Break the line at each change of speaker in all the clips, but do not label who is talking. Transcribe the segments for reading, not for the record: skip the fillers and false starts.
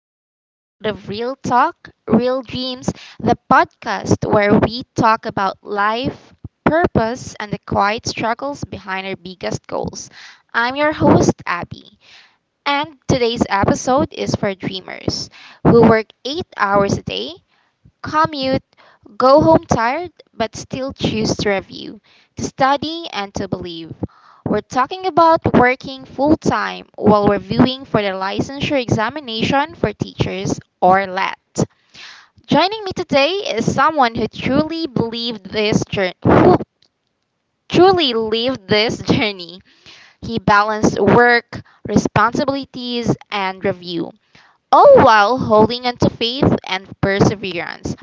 another episode of Real Talk, Real Dreams, the podcast where we talk about life, purpose, and the quiet struggles behind our biggest goals. I'm your host, Abby, and today's episode is for dreamers who work 8 hours a day commute, go home tired, but still choose to review, to study, and to believe. We're talking about working full time while reviewing for the licensure examination for teachers or LAT. Joining me today is someone who truly believed this journey, who truly lived this journey. He balanced work, responsibilities, and review all while holding on to faith and perseverance.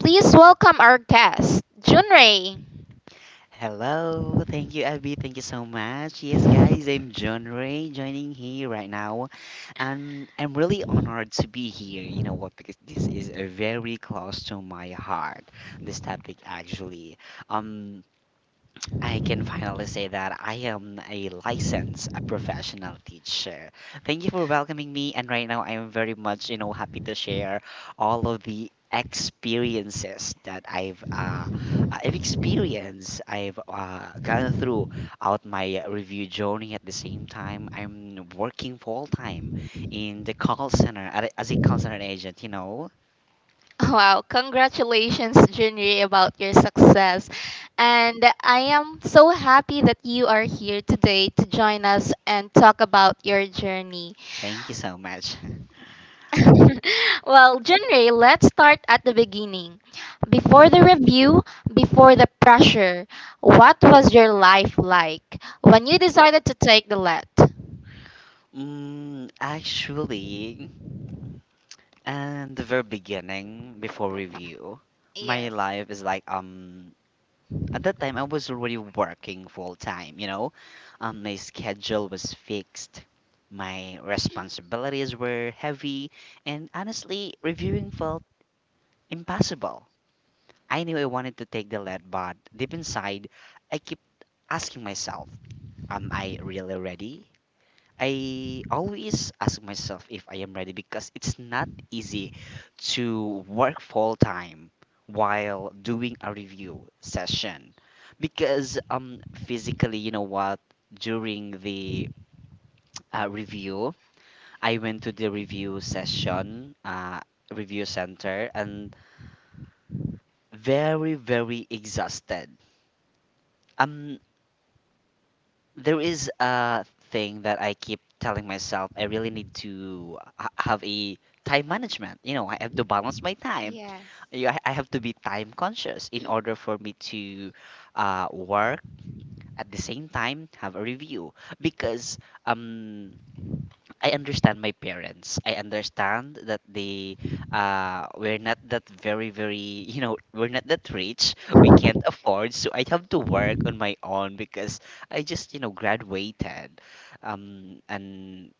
Please welcome our guest, Junrei.
Hello, thank you, Abby. Thank you so much. Yes, guys, I'm John Ray joining here right now, and I'm really honored to be here. You know what? Because this is very close to my heart. This topic, actually. Um, I can finally say that I am a licensed, a professional teacher. Thank you for welcoming me, and right now I am very much, you know, happy to share all of the experiences that I've experienced, I've gone through out my review journey. At the same time, I'm working full time in the call center as a call center agent. You know,
Wow, congratulations, Junrei, about your success. And I am so happy that you are here today to join us and talk about your journey.
thank you so much.
Well, Junrei, let's start at the beginning. Before the review, before the pressure, what was your life like when you decided to take the let?
Actually. And the very beginning, before review, my
Yes.
life is like at that time I was already working full time, you know. My schedule was fixed, my responsibilities were heavy, and honestly reviewing felt impossible. I knew I wanted to take the lead, but deep inside I keep asking myself, am I really ready? I always ask myself if I am ready because it's not easy to work full time while doing a review session because physically you know what during the review I went to the review session review center and very very exhausted. I'm there is a thing that I keep telling myself I really need to have a time management. You know, I have to balance my time.
Yes.
I have to be time conscious in order for me to work at the same time have a review because um I understand my parents. I understand that they we're not that very very you know we're not that rich. We can't afford, so I have to work on my own because I just you know graduated, um and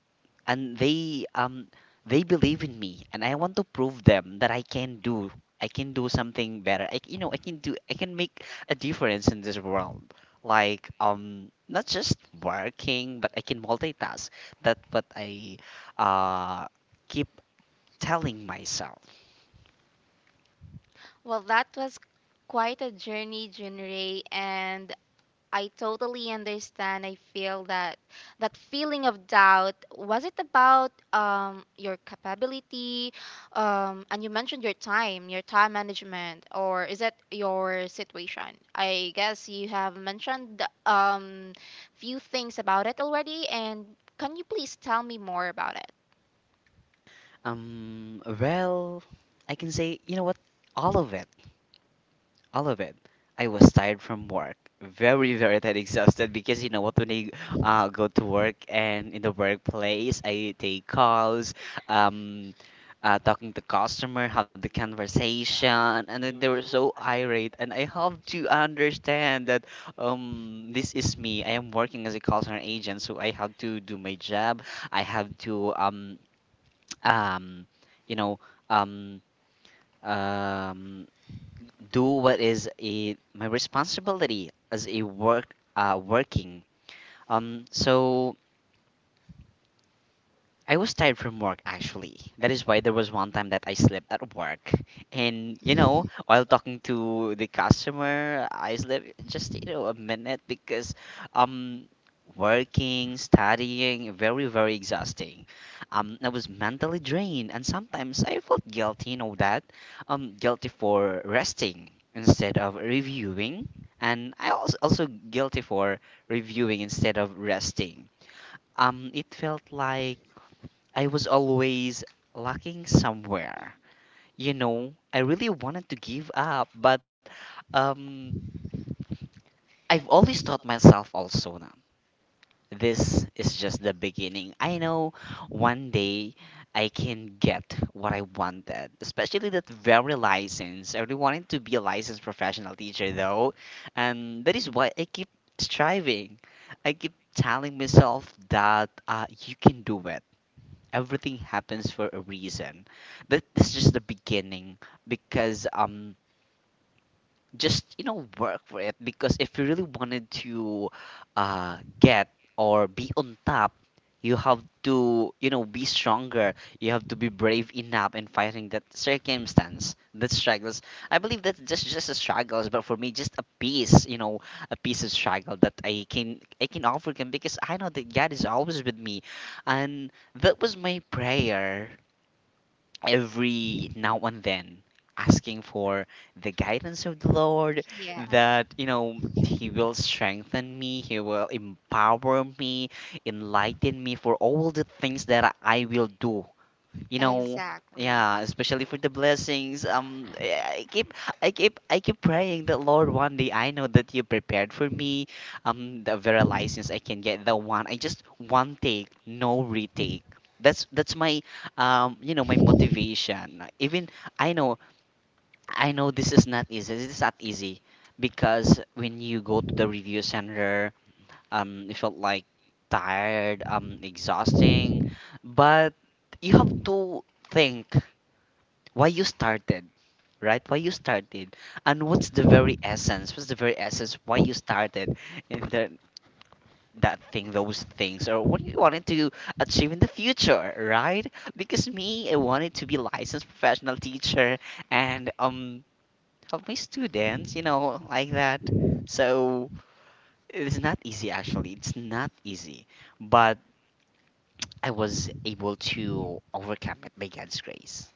and they believe in me and I want to prove them that I can do something better. I c- you know I can do I can make a difference in this world, like not just working, but I can multitask. That's what I uh keep telling myself.
Well, that was quite a journey, Junrei, and I totally understand. I feel that that feeling of doubt, was it about your capability? And you mentioned your time management, or is it your situation? I guess you have mentioned few things about it already, and can you please tell me more about it?
Well, I can say, you know what, all of it all of it. I was tired from work, very, very tired, exhausted because you know what, when I go to work and in the workplace, I take calls, um, talking to customer, have the conversation, and then they were so irate, and I have to understand that this is me. I am working as a call center agent, so I have to do my job. I have to um, you know um um do what is a my responsibility as a working so I was tired from work, actually. That is why there was one time that I slept at work. And you know, while talking to the customer, I slept just you know a minute because um working, studying, very very exhausting. I was mentally drained and sometimes I felt guilty, you know that. Guilty for resting instead of reviewing, and I was also guilty for reviewing instead of resting. It felt like I was always lacking somewhere. You know, I really wanted to give up, but um, I've always taught myself also now. This is just the beginning. I know one day I can get what I wanted, especially that very license. I really wanted to be a licensed professional teacher though, and that is why I keep striving. I keep telling myself that you can do it. Everything happens for a reason. But this is just the beginning because just you know work for it, because if you really wanted to get or be on top, you have to you know be stronger. You have to be brave enough in fighting that circumstance, that struggles. I believe that's just a struggles, but for me, just a piece, you know, a piece of struggle that I can overcome because I know that God is always with me, and that was my prayer every now and then, asking for the guidance of the Lord
Yes.
that you know he will strengthen me, he will empower me, enlighten me for all the things that I will do, you know,
Exactly.
yeah, especially for the blessings. I keep, I keep praying that, Lord, one day I know that you prepared for me the very license. I can get the one. I just one take, no retake. That's my you know my motivation. Even I know, this is not easy, this is not easy, because when you go to the review center, it felt like tired, exhausting, but you have to think why you started, right? Why you started, and what's the very essence, why you started in the that thing, those things, or what you wanted to achieve in the future, right? Because me, I wanted to be licensed professional teacher and help my students, you know, like that. So it's not easy, actually, it's not easy, but I was able to overcome it by God's grace.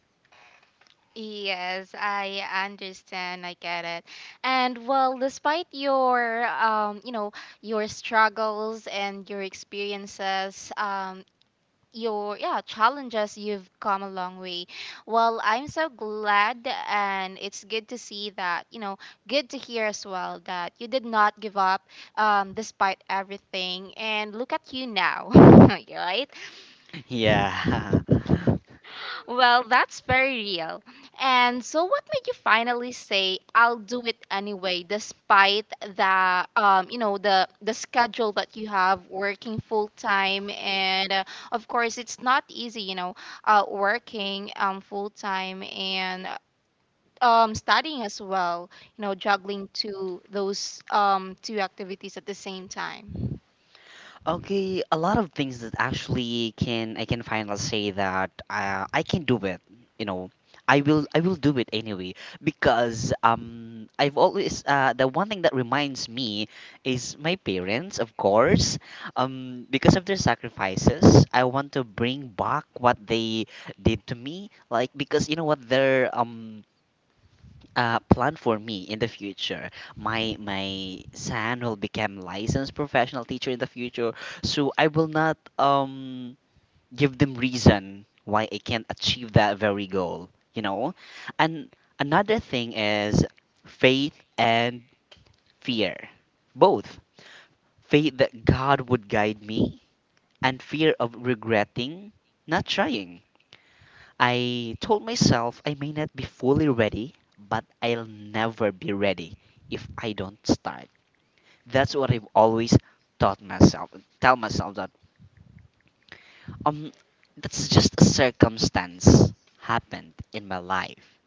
Yes, I understand. I get it. And well, despite your you know, your struggles and your experiences, your yeah, challenges, you've come a long way. Well, I'm so glad and it's good to see that, you know, good to hear as well that you did not give up despite everything and look at you now, right?
Yeah.
Well, that's very real. And so, what made you finally say, "I'll do it anyway," despite you know, the schedule that you have, working full time, and of course, it's not easy, you know, working full time and studying as well, you know, juggling two those two activities at the same time.
Okay, a lot of things that actually can finally say that I can do it. You know, I will do it anyway because I've always the one thing that reminds me is my parents, of course. Because of their sacrifices, I want to bring back what they did to me. Like, because you know what, their plan for me in the future. My son will become licensed professional teacher in the future, so I will not give them reason why I can't achieve that very goal. You know, and another thing is faith and fear, both. Faith that God would guide me and fear of regretting not trying. I told myself I may not be fully ready, but I'll never be ready if I don't start. That's what I've always taught myself. Tell myself that um that's just a circumstance happened in my life.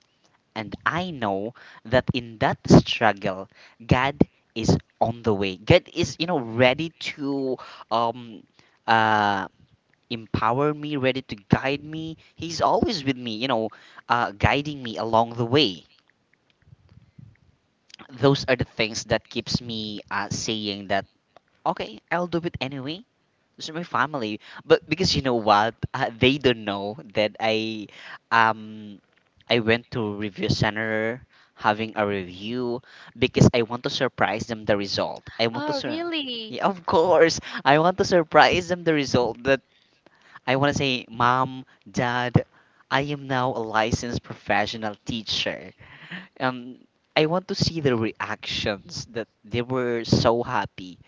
And I know that in that struggle, God is on the way. God is, you know, ready to um uh empower me, ready to guide me. He's always with me, you know, guiding me along the way. Those are the things that keeps me saying that, okay, I'll do it anyway. This is my family, but because you know what, they don't know that um, I went to review center having a review because I want to surprise them the result. I want to sur- Yeah, of course. I want to surprise them the result that I want to say, Mom, Dad, I am now a licensed professional teacher. Um, I want to see the reactions that they were so happy,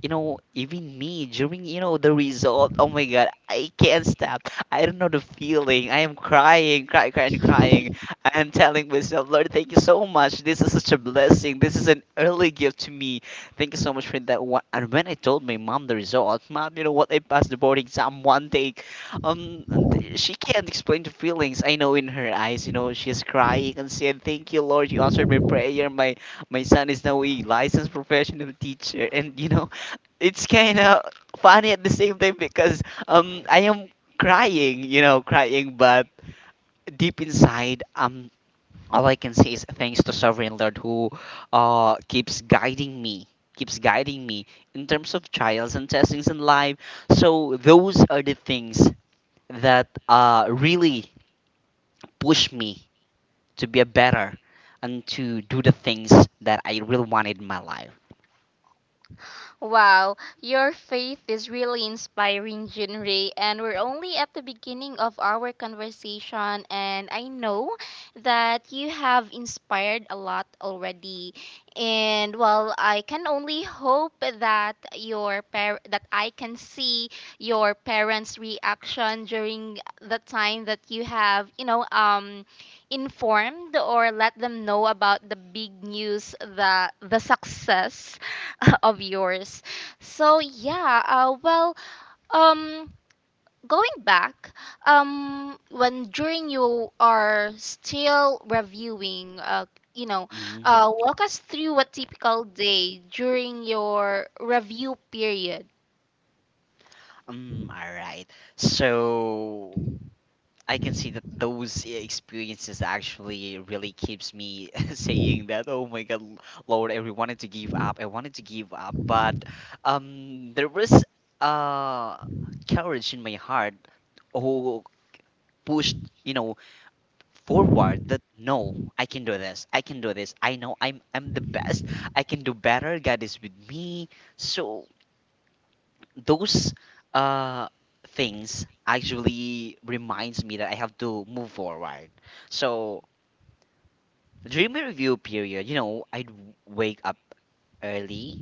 you know, even me during, you know, the result. Oh my god, I can't stop. I don't know the feeling. I am crying, crying, crying, crying. I am telling myself, Lord, thank you so much. This is such a blessing. This is an early gift to me. Thank you so much for that one. And when I told my mom the result, mom, you know what? I passed the board exam one take. Um, she can't explain the feelings. I know in her eyes, you know, she is crying and said, "Thank you, Lord, you answered my prayer. My son is now a licensed professional teacher, and you know, it's kind of funny at the same time because I am crying, you know, crying, but deep inside all I can say is thanks to Sovereign Lord who keeps guiding me, keeps guiding me in terms of trials and testings in life. So those are the things that really push me to be a better and to do the things that I really wanted in my life.
Wow, your faith is really inspiring, Jinri, and we're only at the beginning of our conversation and I know that you have inspired a lot already. And well, I can only hope that your par- that I can see your parents' reaction during the time that you have, you know, informed or let them know about the big news, the success of yours. So yeah, well, um, going back, when during you are still reviewing, you know,
Mhm.
walk us through a typical day during your review period.
All right. So I can see that those experiences actually really keeps me saying that, oh my God, Lord, I really wanted to give up. I wanted to give up, but there was uh courage in my heart who pushed, you know, forward that no, I can do this. I can do this. I know I'm the best. I can do better. God is with me. So those uh things actually reminds me that I have to move forward. So during my review period, you know, I'd wake up early,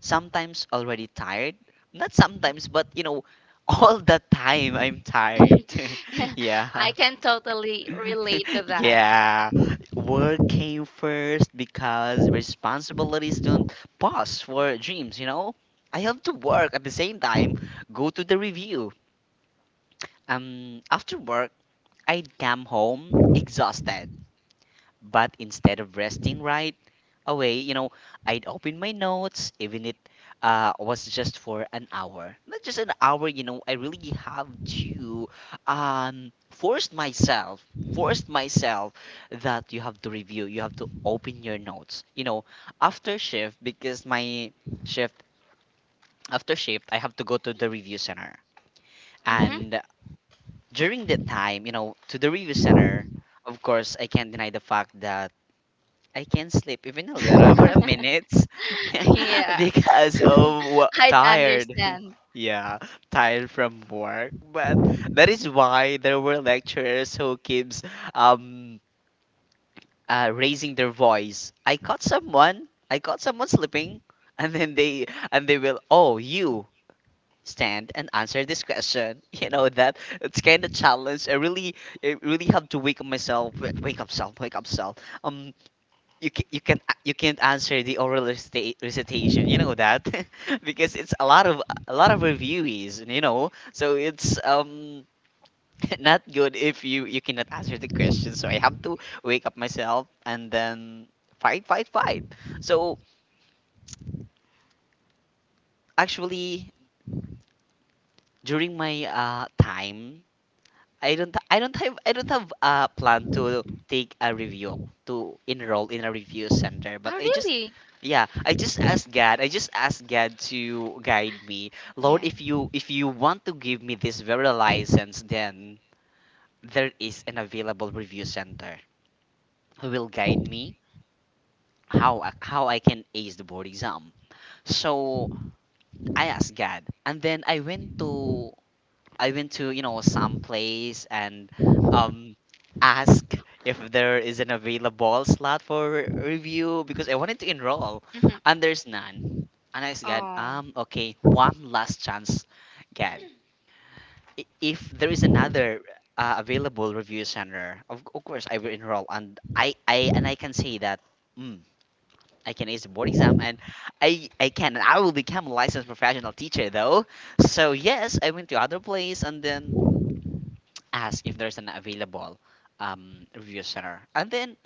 sometimes already tired. Not sometimes, but you know, all the time I'm tired. Yeah.
I can totally relate to that.
Yeah, work came first because responsibilities don't pause for dreams, you know? I have to work at the same time, go to the review. After work, I'd come home exhausted, but instead of resting right away, I'd open my notes, even it was just for an hour. Not just an hour, you know, I really have to um, force myself, force myself that you have to review, you have to open your notes. You know, after shift, because my shift, after shift, I have to go to the review center.
Hmm.
And during that time, you know, to the review center, of course, I can't deny the fact that I can not sleep even a little for a minute. Yeah.
Yeah.
Because of what,
I'd
tired.
understand.
Yeah, tired from work. But that is why there were lecturers who keeps um raising their voice. I caught someone. I caught someone sleeping, and then they will, oh, you stand and answer this question. You know that it's kind of challenge. I really have to wake up myself. Wake up, self. Wake up, self. Um, you can you can you can't answer the oral recitation, you know that. Because it's a lot of reviewees, you know, so it's um, not good if you cannot answer the question, so I have to wake up myself, and then fight, fight, fight. So actually, during my time, I don't have a plan to take a review, to enroll in a review center, but I just,
Really?
yeah, I just asked God. I just asked God to guide me. Lord, if you want to give me this very license, then there is an available review center who will guide me how I can ace the board exam. So I asked God, and then I went to, you know, some place and um ask if there is an available slot for review, because I wanted to enroll,
Mm-hmm.
and there's none. And I said, okay, one last chance, get. If there is another available review center, of course I will enroll. And I can say that, mm, I can ace the board exam, and I can and I will become a licensed professional teacher though. So yes, I went to other place and then asked if there's an available review center. And then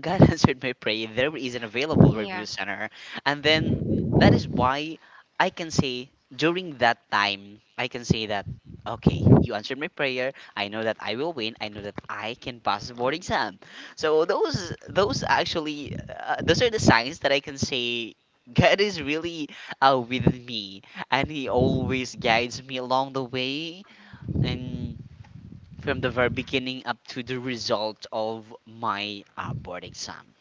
God answered my prayer. There is an available review center. And then that is why I can say during that time, I can say that, okay, you answered my prayer. I know that I will win. I know that I can pass the board exam. So those actually, those are the signs that I can say God is really with me. And He always guides me along the way. And from the very beginning up to the result of my board exam.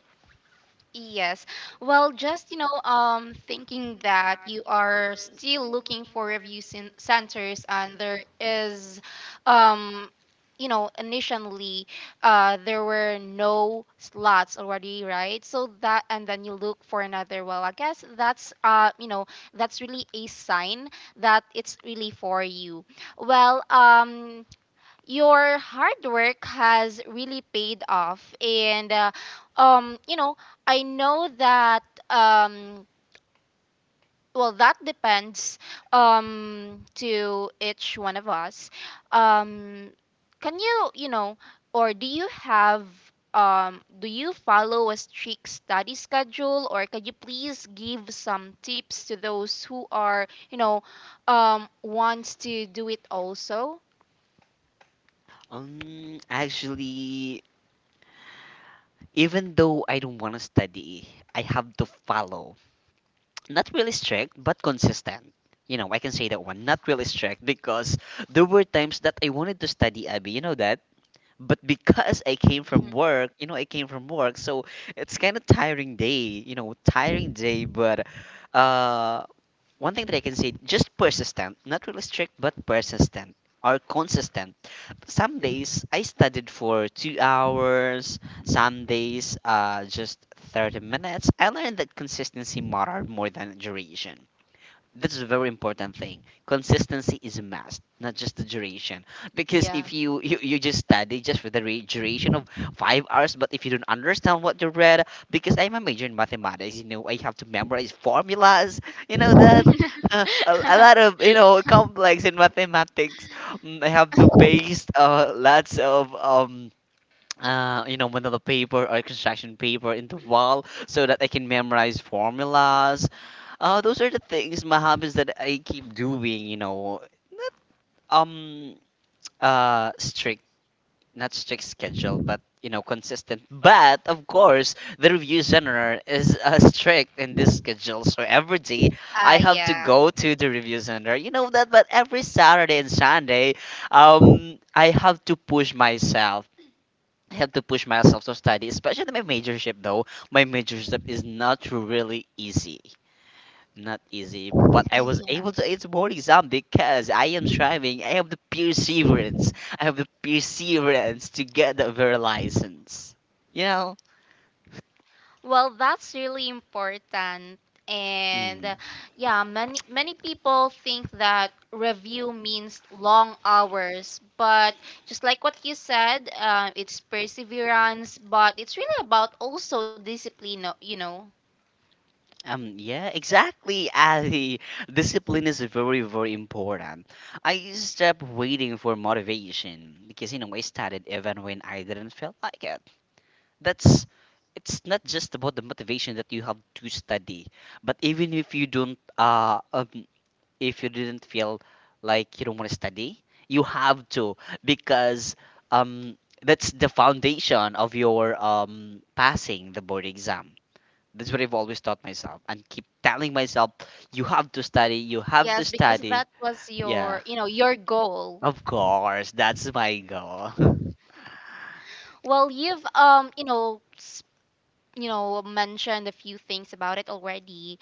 Yes. Well, just, you know, thinking that you are still looking for review cen- centers and there is, um, you know, initially, there were no slots already, right? So that, and then you look for another. Well, I guess that's, you know, that's really a sign that it's really for you. Well, your hard work has really paid off and you know I know that um well that depends to each one of us. um can you you know or do you have do you follow a strict study schedule or can you please give some tips to those who are you know wants to do it also?
Actually, even though I don't want to study, I have to follow. Not really strict, but consistent. You know, I can say that one. Not really strict because there were times that I wanted to study, Abby. You know that. But because I came
Mhm.
from work, you know, I came from work, so it's kind of tiring day. You know, tiring day, but uh, one thing that I can say, just persistent, not really strict, but persistent or consistent. Some days I studied for 2 hours, some days just 30 minutes. I learned that consistency mattered more than duration. That's a very important thing. Consistency is a must, not just the duration. Because
Yeah.
if you just study just for the duration of 5 hours, but if you don't understand what you read, because I'm a major in mathematics, you know, I have to memorize formulas, you know, that a lot of, you know, complex in mathematics. Mm, I have to paste lots of, you know, manila paper or construction paper in the wall so that I can memorize formulas. Those are the things, my hobbies that I keep doing, you know, not um strict, not strict schedule, but you know, consistent. But of course, the review center is strict in this schedule, so every day
Ah,
I have to
yeah.
go to the review center. You know that, but every Saturday and Sunday, I have to push myself. I have to push myself to study, especially my majorship though. My majorship is not really easy. Not easy, but I was
Yeah.
able to ace the board exam because I am striving. I have the perseverance. I have the perseverance to get the very license. You know?
Well, that's really important. And
Mm.
yeah, many many people think that review means long hours, but just like what you said, it's perseverance, but it's really about also discipline, you know.
Yeah, exactly. Ali. Discipline is very, very important. I stopped waiting for motivation because, you know, I started even when I didn't feel like it. That's, it's not just about the motivation that you have to study, but even if you don't, if you didn't feel like you don't want to study, you have to. Because um that's the foundation of your passing the board exam. That's what I've always taught myself and keep telling myself: you have to study, you have to
Yes, because
study.
that was
Yeah,
your, you know, your goal.
of course that's my goal.
Well, you've you know, s- you know, mentioned a few things about it already,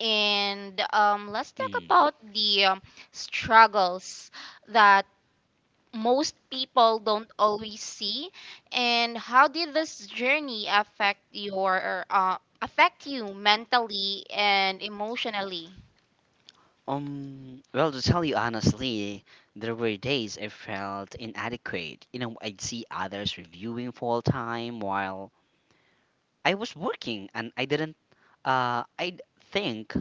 and let's talk
Mm.
about the struggles that most people don't always see, and how did this journey affect your affect you mentally and emotionally?
Well, to tell you honestly, there were days I felt inadequate. You know, I'd see others reviewing full time while I was working, and I didn't I d- think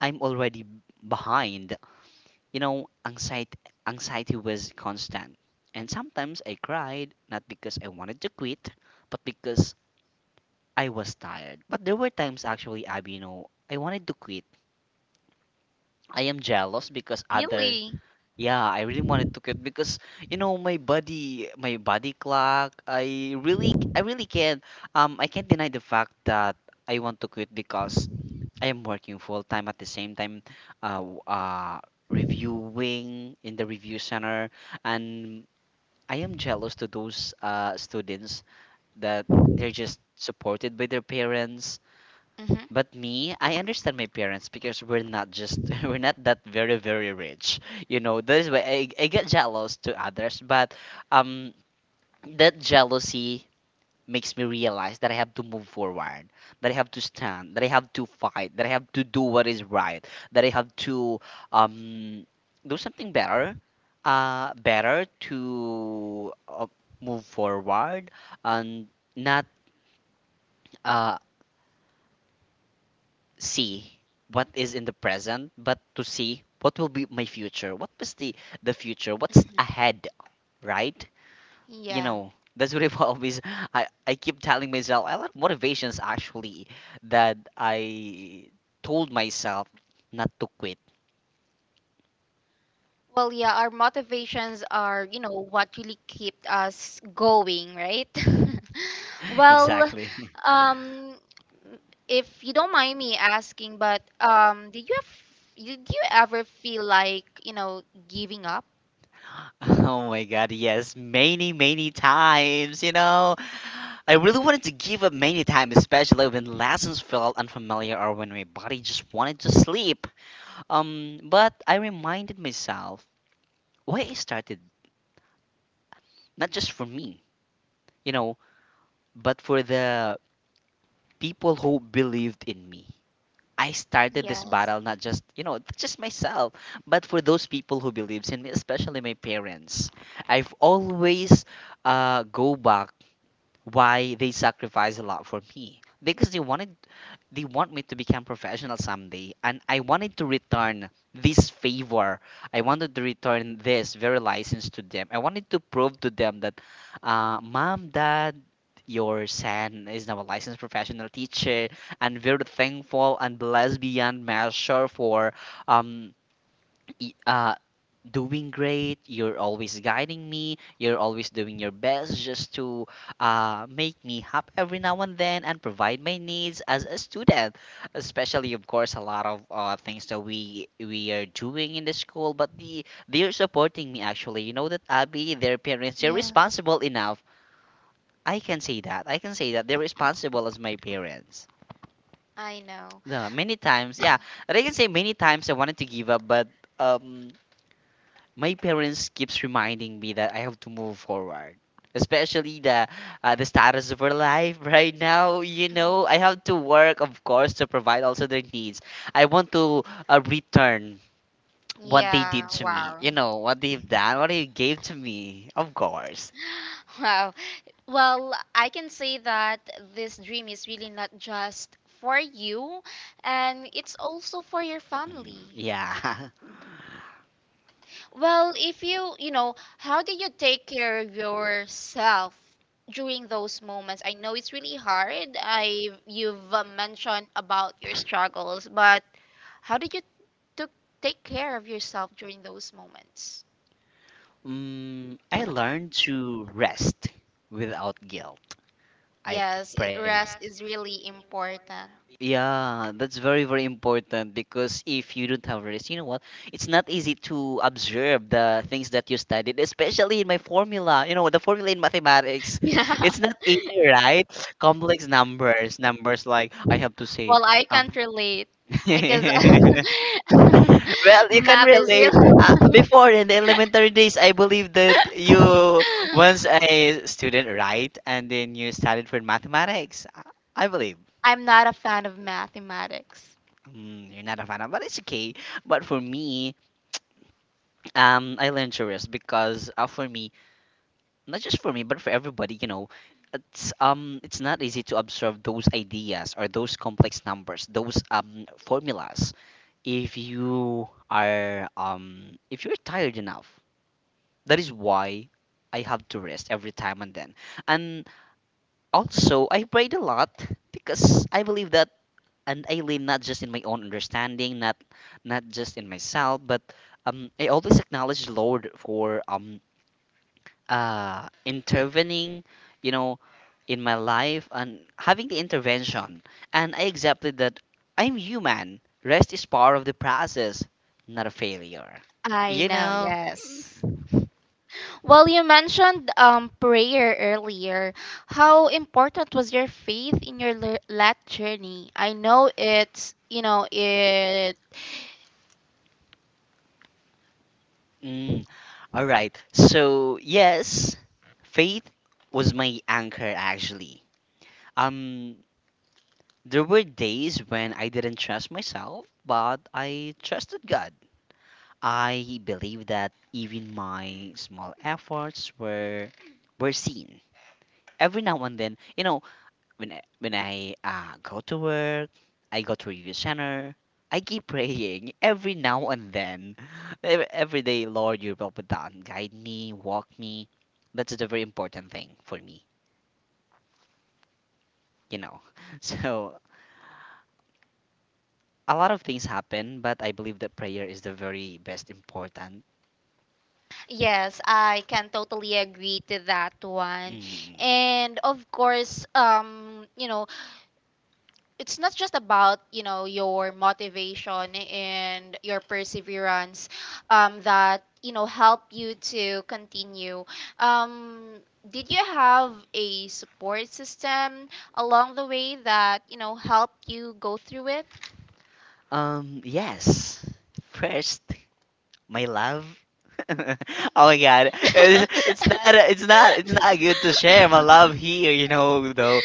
I'm already behind. You know, anxiety was constant. And sometimes I cried not because I wanted to quit, but because I was tired. But there were times actually, Abby, you know, I wanted to quit. I am jealous because other. Really?
Really?
Yeah, I really wanted to quit because you know my body clock. I really can't. I can't deny the fact that I want to quit because I am working full time at the same time, uh, w- uh, reviewing in the review center, and I am jealous to those students that they're just supported by their parents.
Mm-hmm.
But me, I understand my parents because we're not just we're not that very very rich, you know. That is why I get jealous to others, but um, that jealousy makes me realize that I have to move forward, that I have to stand, that I have to fight, that I have to do what is right, that I have to um, do something better, better to move forward, and not uh, see what is in the present, but to see what will be my future, what was the future, what's ahead, right? You
Yeah.
know, that's what I've always, I keep telling myself a lot of motivations actually that I told myself not to quit.
Well, yeah, our motivations are, you know, what really kept us going, right?
Well,
Well,
exactly.
um, if you don't mind me asking, but did you have, did you ever feel like, you know, giving up?
Oh my God, yes, many many times, you know. I really wanted to give up many times, especially when lessons felt unfamiliar or when my body just wanted to sleep. But I reminded myself why I started, not just for me, you know, but for the people who believed in me. I started this
Yes.
battle not just, you know, just myself, but for those people who believes in me, especially my parents. I've always go back why they sacrifice a lot for me, because they want me to become professional someday, and I wanted to return this favor. I wanted to return this very license to them. I wanted to prove to them that, mom, dad, your son is now a licensed professional teacher, and very thankful and blessed beyond measure for um y- uh doing great. You're always guiding me, you're always doing your best just to make me happy every now and then, and provide my needs as a student, especially of course a lot of things that we are doing in the school, but they're supporting me actually. You know that, Abby, their parents, they're
Yeah,
responsible enough. I can say that, I can say that they're responsible as my parents.
I know.
The many times, yeah, and I can say many times I wanted to give up, but my parents keeps reminding me that I have to move forward. Especially the status of our life right now, you
Yeah,
know, I have to work, of course, to provide also their needs. I want to return what they did to me,
wow.
you know, what they've done, what they gave to me, of course.
Wow. Well, I can say that this dream is really not just for you, and it's also for your
Mm,
family.
yeah.
Well, if you, you know, how did you take care of yourself during those moments? I know it's really hard. I you've mentioned about your struggles, but how did you took take care of yourself during those moments?
Mm, I learned to rest without guilt. I
Yes, it,
pray.
rest is really important.
Yeah, that's very, very important because if you don't have rest, you know what? It's not easy to observe the things that you studied, especially in my formula. You know, the formula in mathematics,
Yeah.
it's not easy,
It's
right? Complex numbers, numbers like I have to say,
Well, I can't
um,
relate. I guess yes,
can't. Well, you can
math is
relate.
real.
Before in the elementary days, I believe that you
because
once a student, right? And then you studied for mathematics. I believe.
I'm not a fan of mathematics.
You're not a fan of, but it's okay. But for me, I learned chores because for me, not just for me, but for everybody, you know, it's not easy to absorb those ideas or those complex numbers, those formulas. If you are if you're tired enough. That is why I have to rest every time and then. And also, I prayed a lot because I believe that, and I lean not just in my own understanding, not just in myself, but I always acknowledge Lord for intervening, you know, in my life and having the intervention. And I accepted that I'm human. Rest is part of the process, not a failure.
I
You
know,
know.
yes. Well, you mentioned prayer earlier. How important was your faith in your le- lat journey? I know it's, you know, it.
Mm, all right. So, yes, faith was my anchor actually. Um there were days when I didn't trust myself, but I trusted God. I believed that even my small efforts were seen. Every now and then, you know, when I go to work, I go to review center. I keep praying every now and then. Every day, Lord, you will be done. Guide me, walk me. That's the very important thing for me, you know. So a lot of things happen, but I believe that prayer is the very best important.
Yes, I can totally agree to that one.
Mm.
And of course, you know, it's not just about you know your motivation and your perseverance that you know help you to continue um, did you have a support system along the way that you know helped you go through it?
Yes. First, my love. Oh my god, it's not good to share my love here. You know though,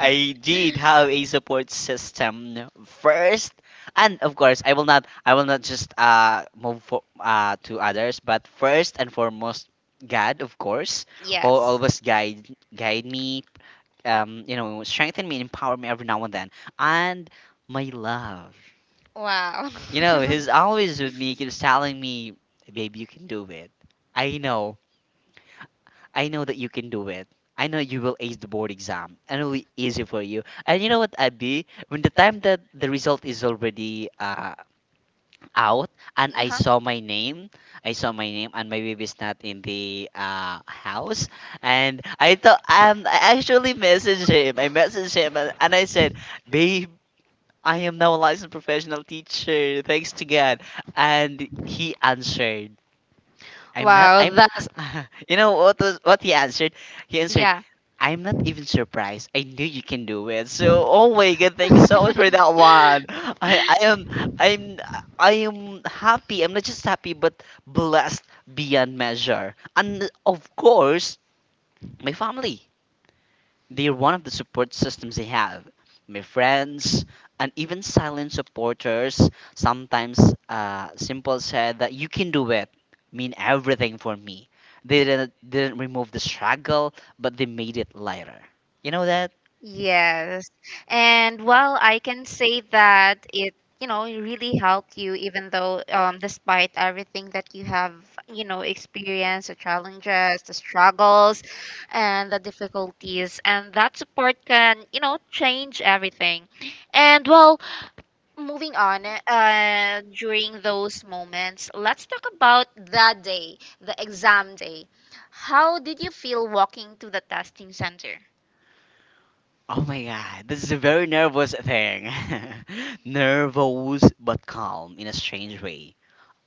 I did have a support system first, and of course I will not just move for, to others, but first and foremost God of course, who
Yes.
always guide me, you know, strengthen me, and empower me every now and then, and my love.
Wow.
You know, he's always with me, keeps telling me, babe, you can do it. I know. I know that you can do it. I know you will ace the board exam. And it'll be easy for you. And you know what, Abby? When the time that the result is already out and I
Uh-huh.
saw my name, I saw my name and my baby's not in the house. And I thought, I actually messaged him. I messaged him and I said, babe, I am now a licensed professional teacher, thanks to God. And he answered,
I,
I'm not,
wow my
I'm,
that's.
you know what he answered? He answered,
Yeah. Is
I'm not even surprised. I knew you can do it. So, oh my God, thank you so much for that one. I am, I'm, I am happy. I'm not just happy, but blessed beyond measure. And of course, my family. They're one of the support systems they have. My friends and even silent supporters sometimes simple said that you can do it mean everything for me. They didn't remove the struggle, but they made it lighter. You know that?
Yes. And well, I can say that it, you know, it really helped you, even though, despite everything that you have, you know, experienced, the challenges, the struggles, and the difficulties, and that support can, you know, change everything. And well, moving on during those moments let's talk about the day the exam day. How did you feel walking to the testing center?
Oh my god, this is a very nervous thing. Nervous but calm in a strange way.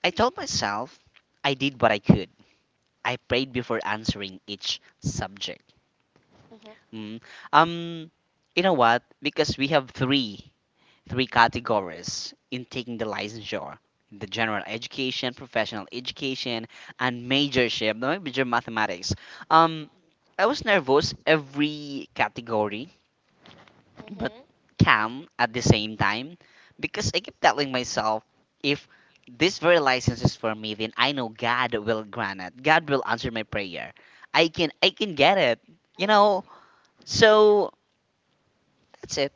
I told myself I did what I could. I prayed before answering each subject.
Mm-hmm.
Mm. Um, you know what? Because we have three categories in taking the licensure: the general education, professional education, and majorship, the major mathematics. Um, I was nervous every category, but
Mm-hmm.
calm at the same time because I keep telling myself, if this very license is for me, then I know God will grant it. God will answer my prayer. I can get it. You know. So that's it.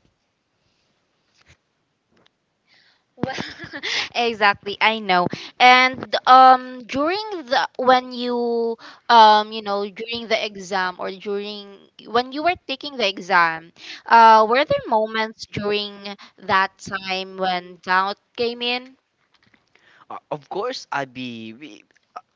Well, exactly I know. And during the when you you know during the exam or during when you were taking the exam, were there moments during that time when doubt came in?
Of course,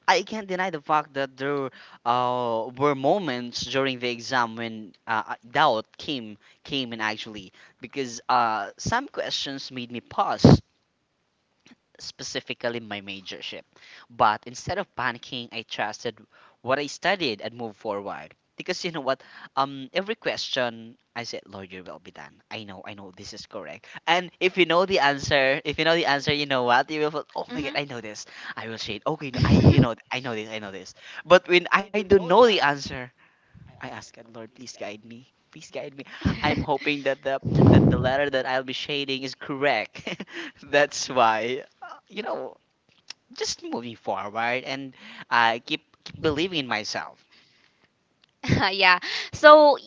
I can't deny the fact that there were moments during the exam when doubt came in actually because some questions made me pause, specifically my majorship. But instead of panicking, I trusted what I studied and moved forward. Because you know what, every question I said, Lord, your will be done. I know, this is correct. And if you know the answer, if you know the answer, you know what, you will feel, oh my God,
Mhm.
I know this. I will say, okay, no, I, you know, I know this, I know this. But when I don't know the answer, I ask God, Lord, please guide me. Please guide me. I'm
I
hoping that the letter that I'll be shading is correct. That's why, you know, just moving forward and keep believing in myself.
yeah. So, y-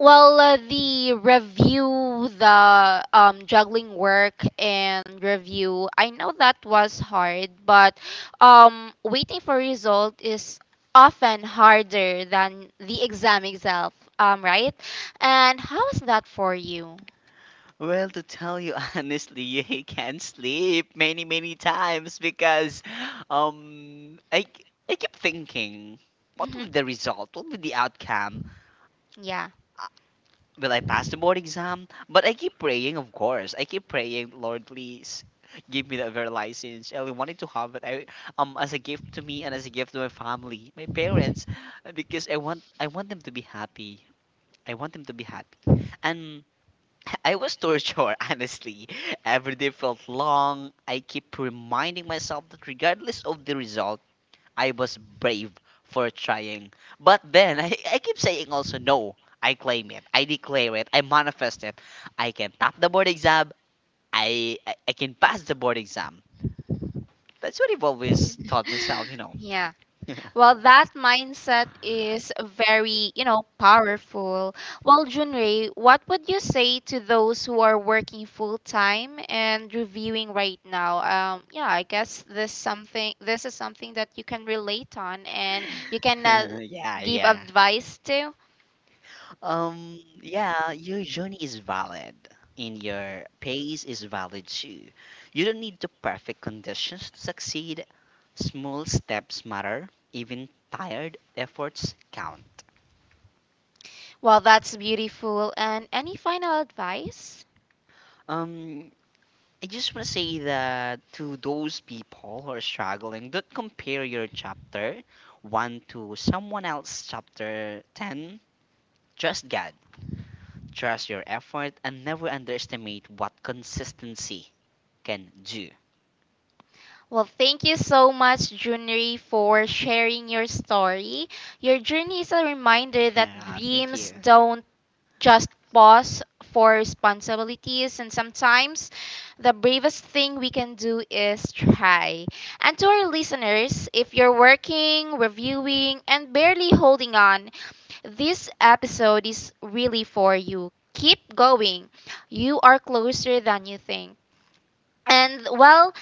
well, the review, the juggling work and review, I know that was hard, but waiting for result is often harder than the exam itself, right? And how is that for you?
Well, to tell you honestly, I can't sleep many many times because um I I keep thinking, what will be
Hmm.
the result? What will be the outcome? Will I pass the board exam? But I keep praying, of course. I keep praying, Lord, please give me the driver license. I wanted to have it as a gift to me and as a gift to my family, my parents, because I want them to be happy. I want them to be happy. And I was tortured, honestly. Every day felt long. I keep reminding myself that regardless of the result, I was brave for trying. But then I keep saying also no. I claim it. I declare it. I manifest it. I can top the board exam. I can pass the board exam. That's what I've always taught myself, you know.
Yeah.
Yeah.
Well, that mindset is very, you know, powerful. Well, Junrei, what would you say to those who are working full time and reviewing right now? Yeah, I guess this something this is something that you can relate on and you can
And yeah,
give
yeah.
advice to.
Yeah, your journey is valid and your pace is valid too. You don't need the perfect conditions to succeed. Small steps matter, even tired efforts count.
Well, that's beautiful. And any final advice?
Um, I just want to say that to those people who are struggling, don't compare your chapter 1 to someone else's chapter 10. Trust God, trust your effort, and never underestimate what consistency can do.
Well, thank you so much, Junri, for sharing your story. Your journey is a reminder that
Yeah, thank
dreams
you.
don't just pause for responsibilities, and sometimes the bravest thing we can do is try. And to our listeners, if you're working, reviewing, and barely holding on, this episode is really for you. Keep going. You are closer than you think. And well,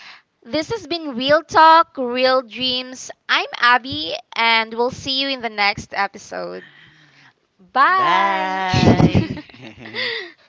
this has been Real Talk, Real Dreams. I'm Abby, and we'll see you in the next episode. Bye.
Bye.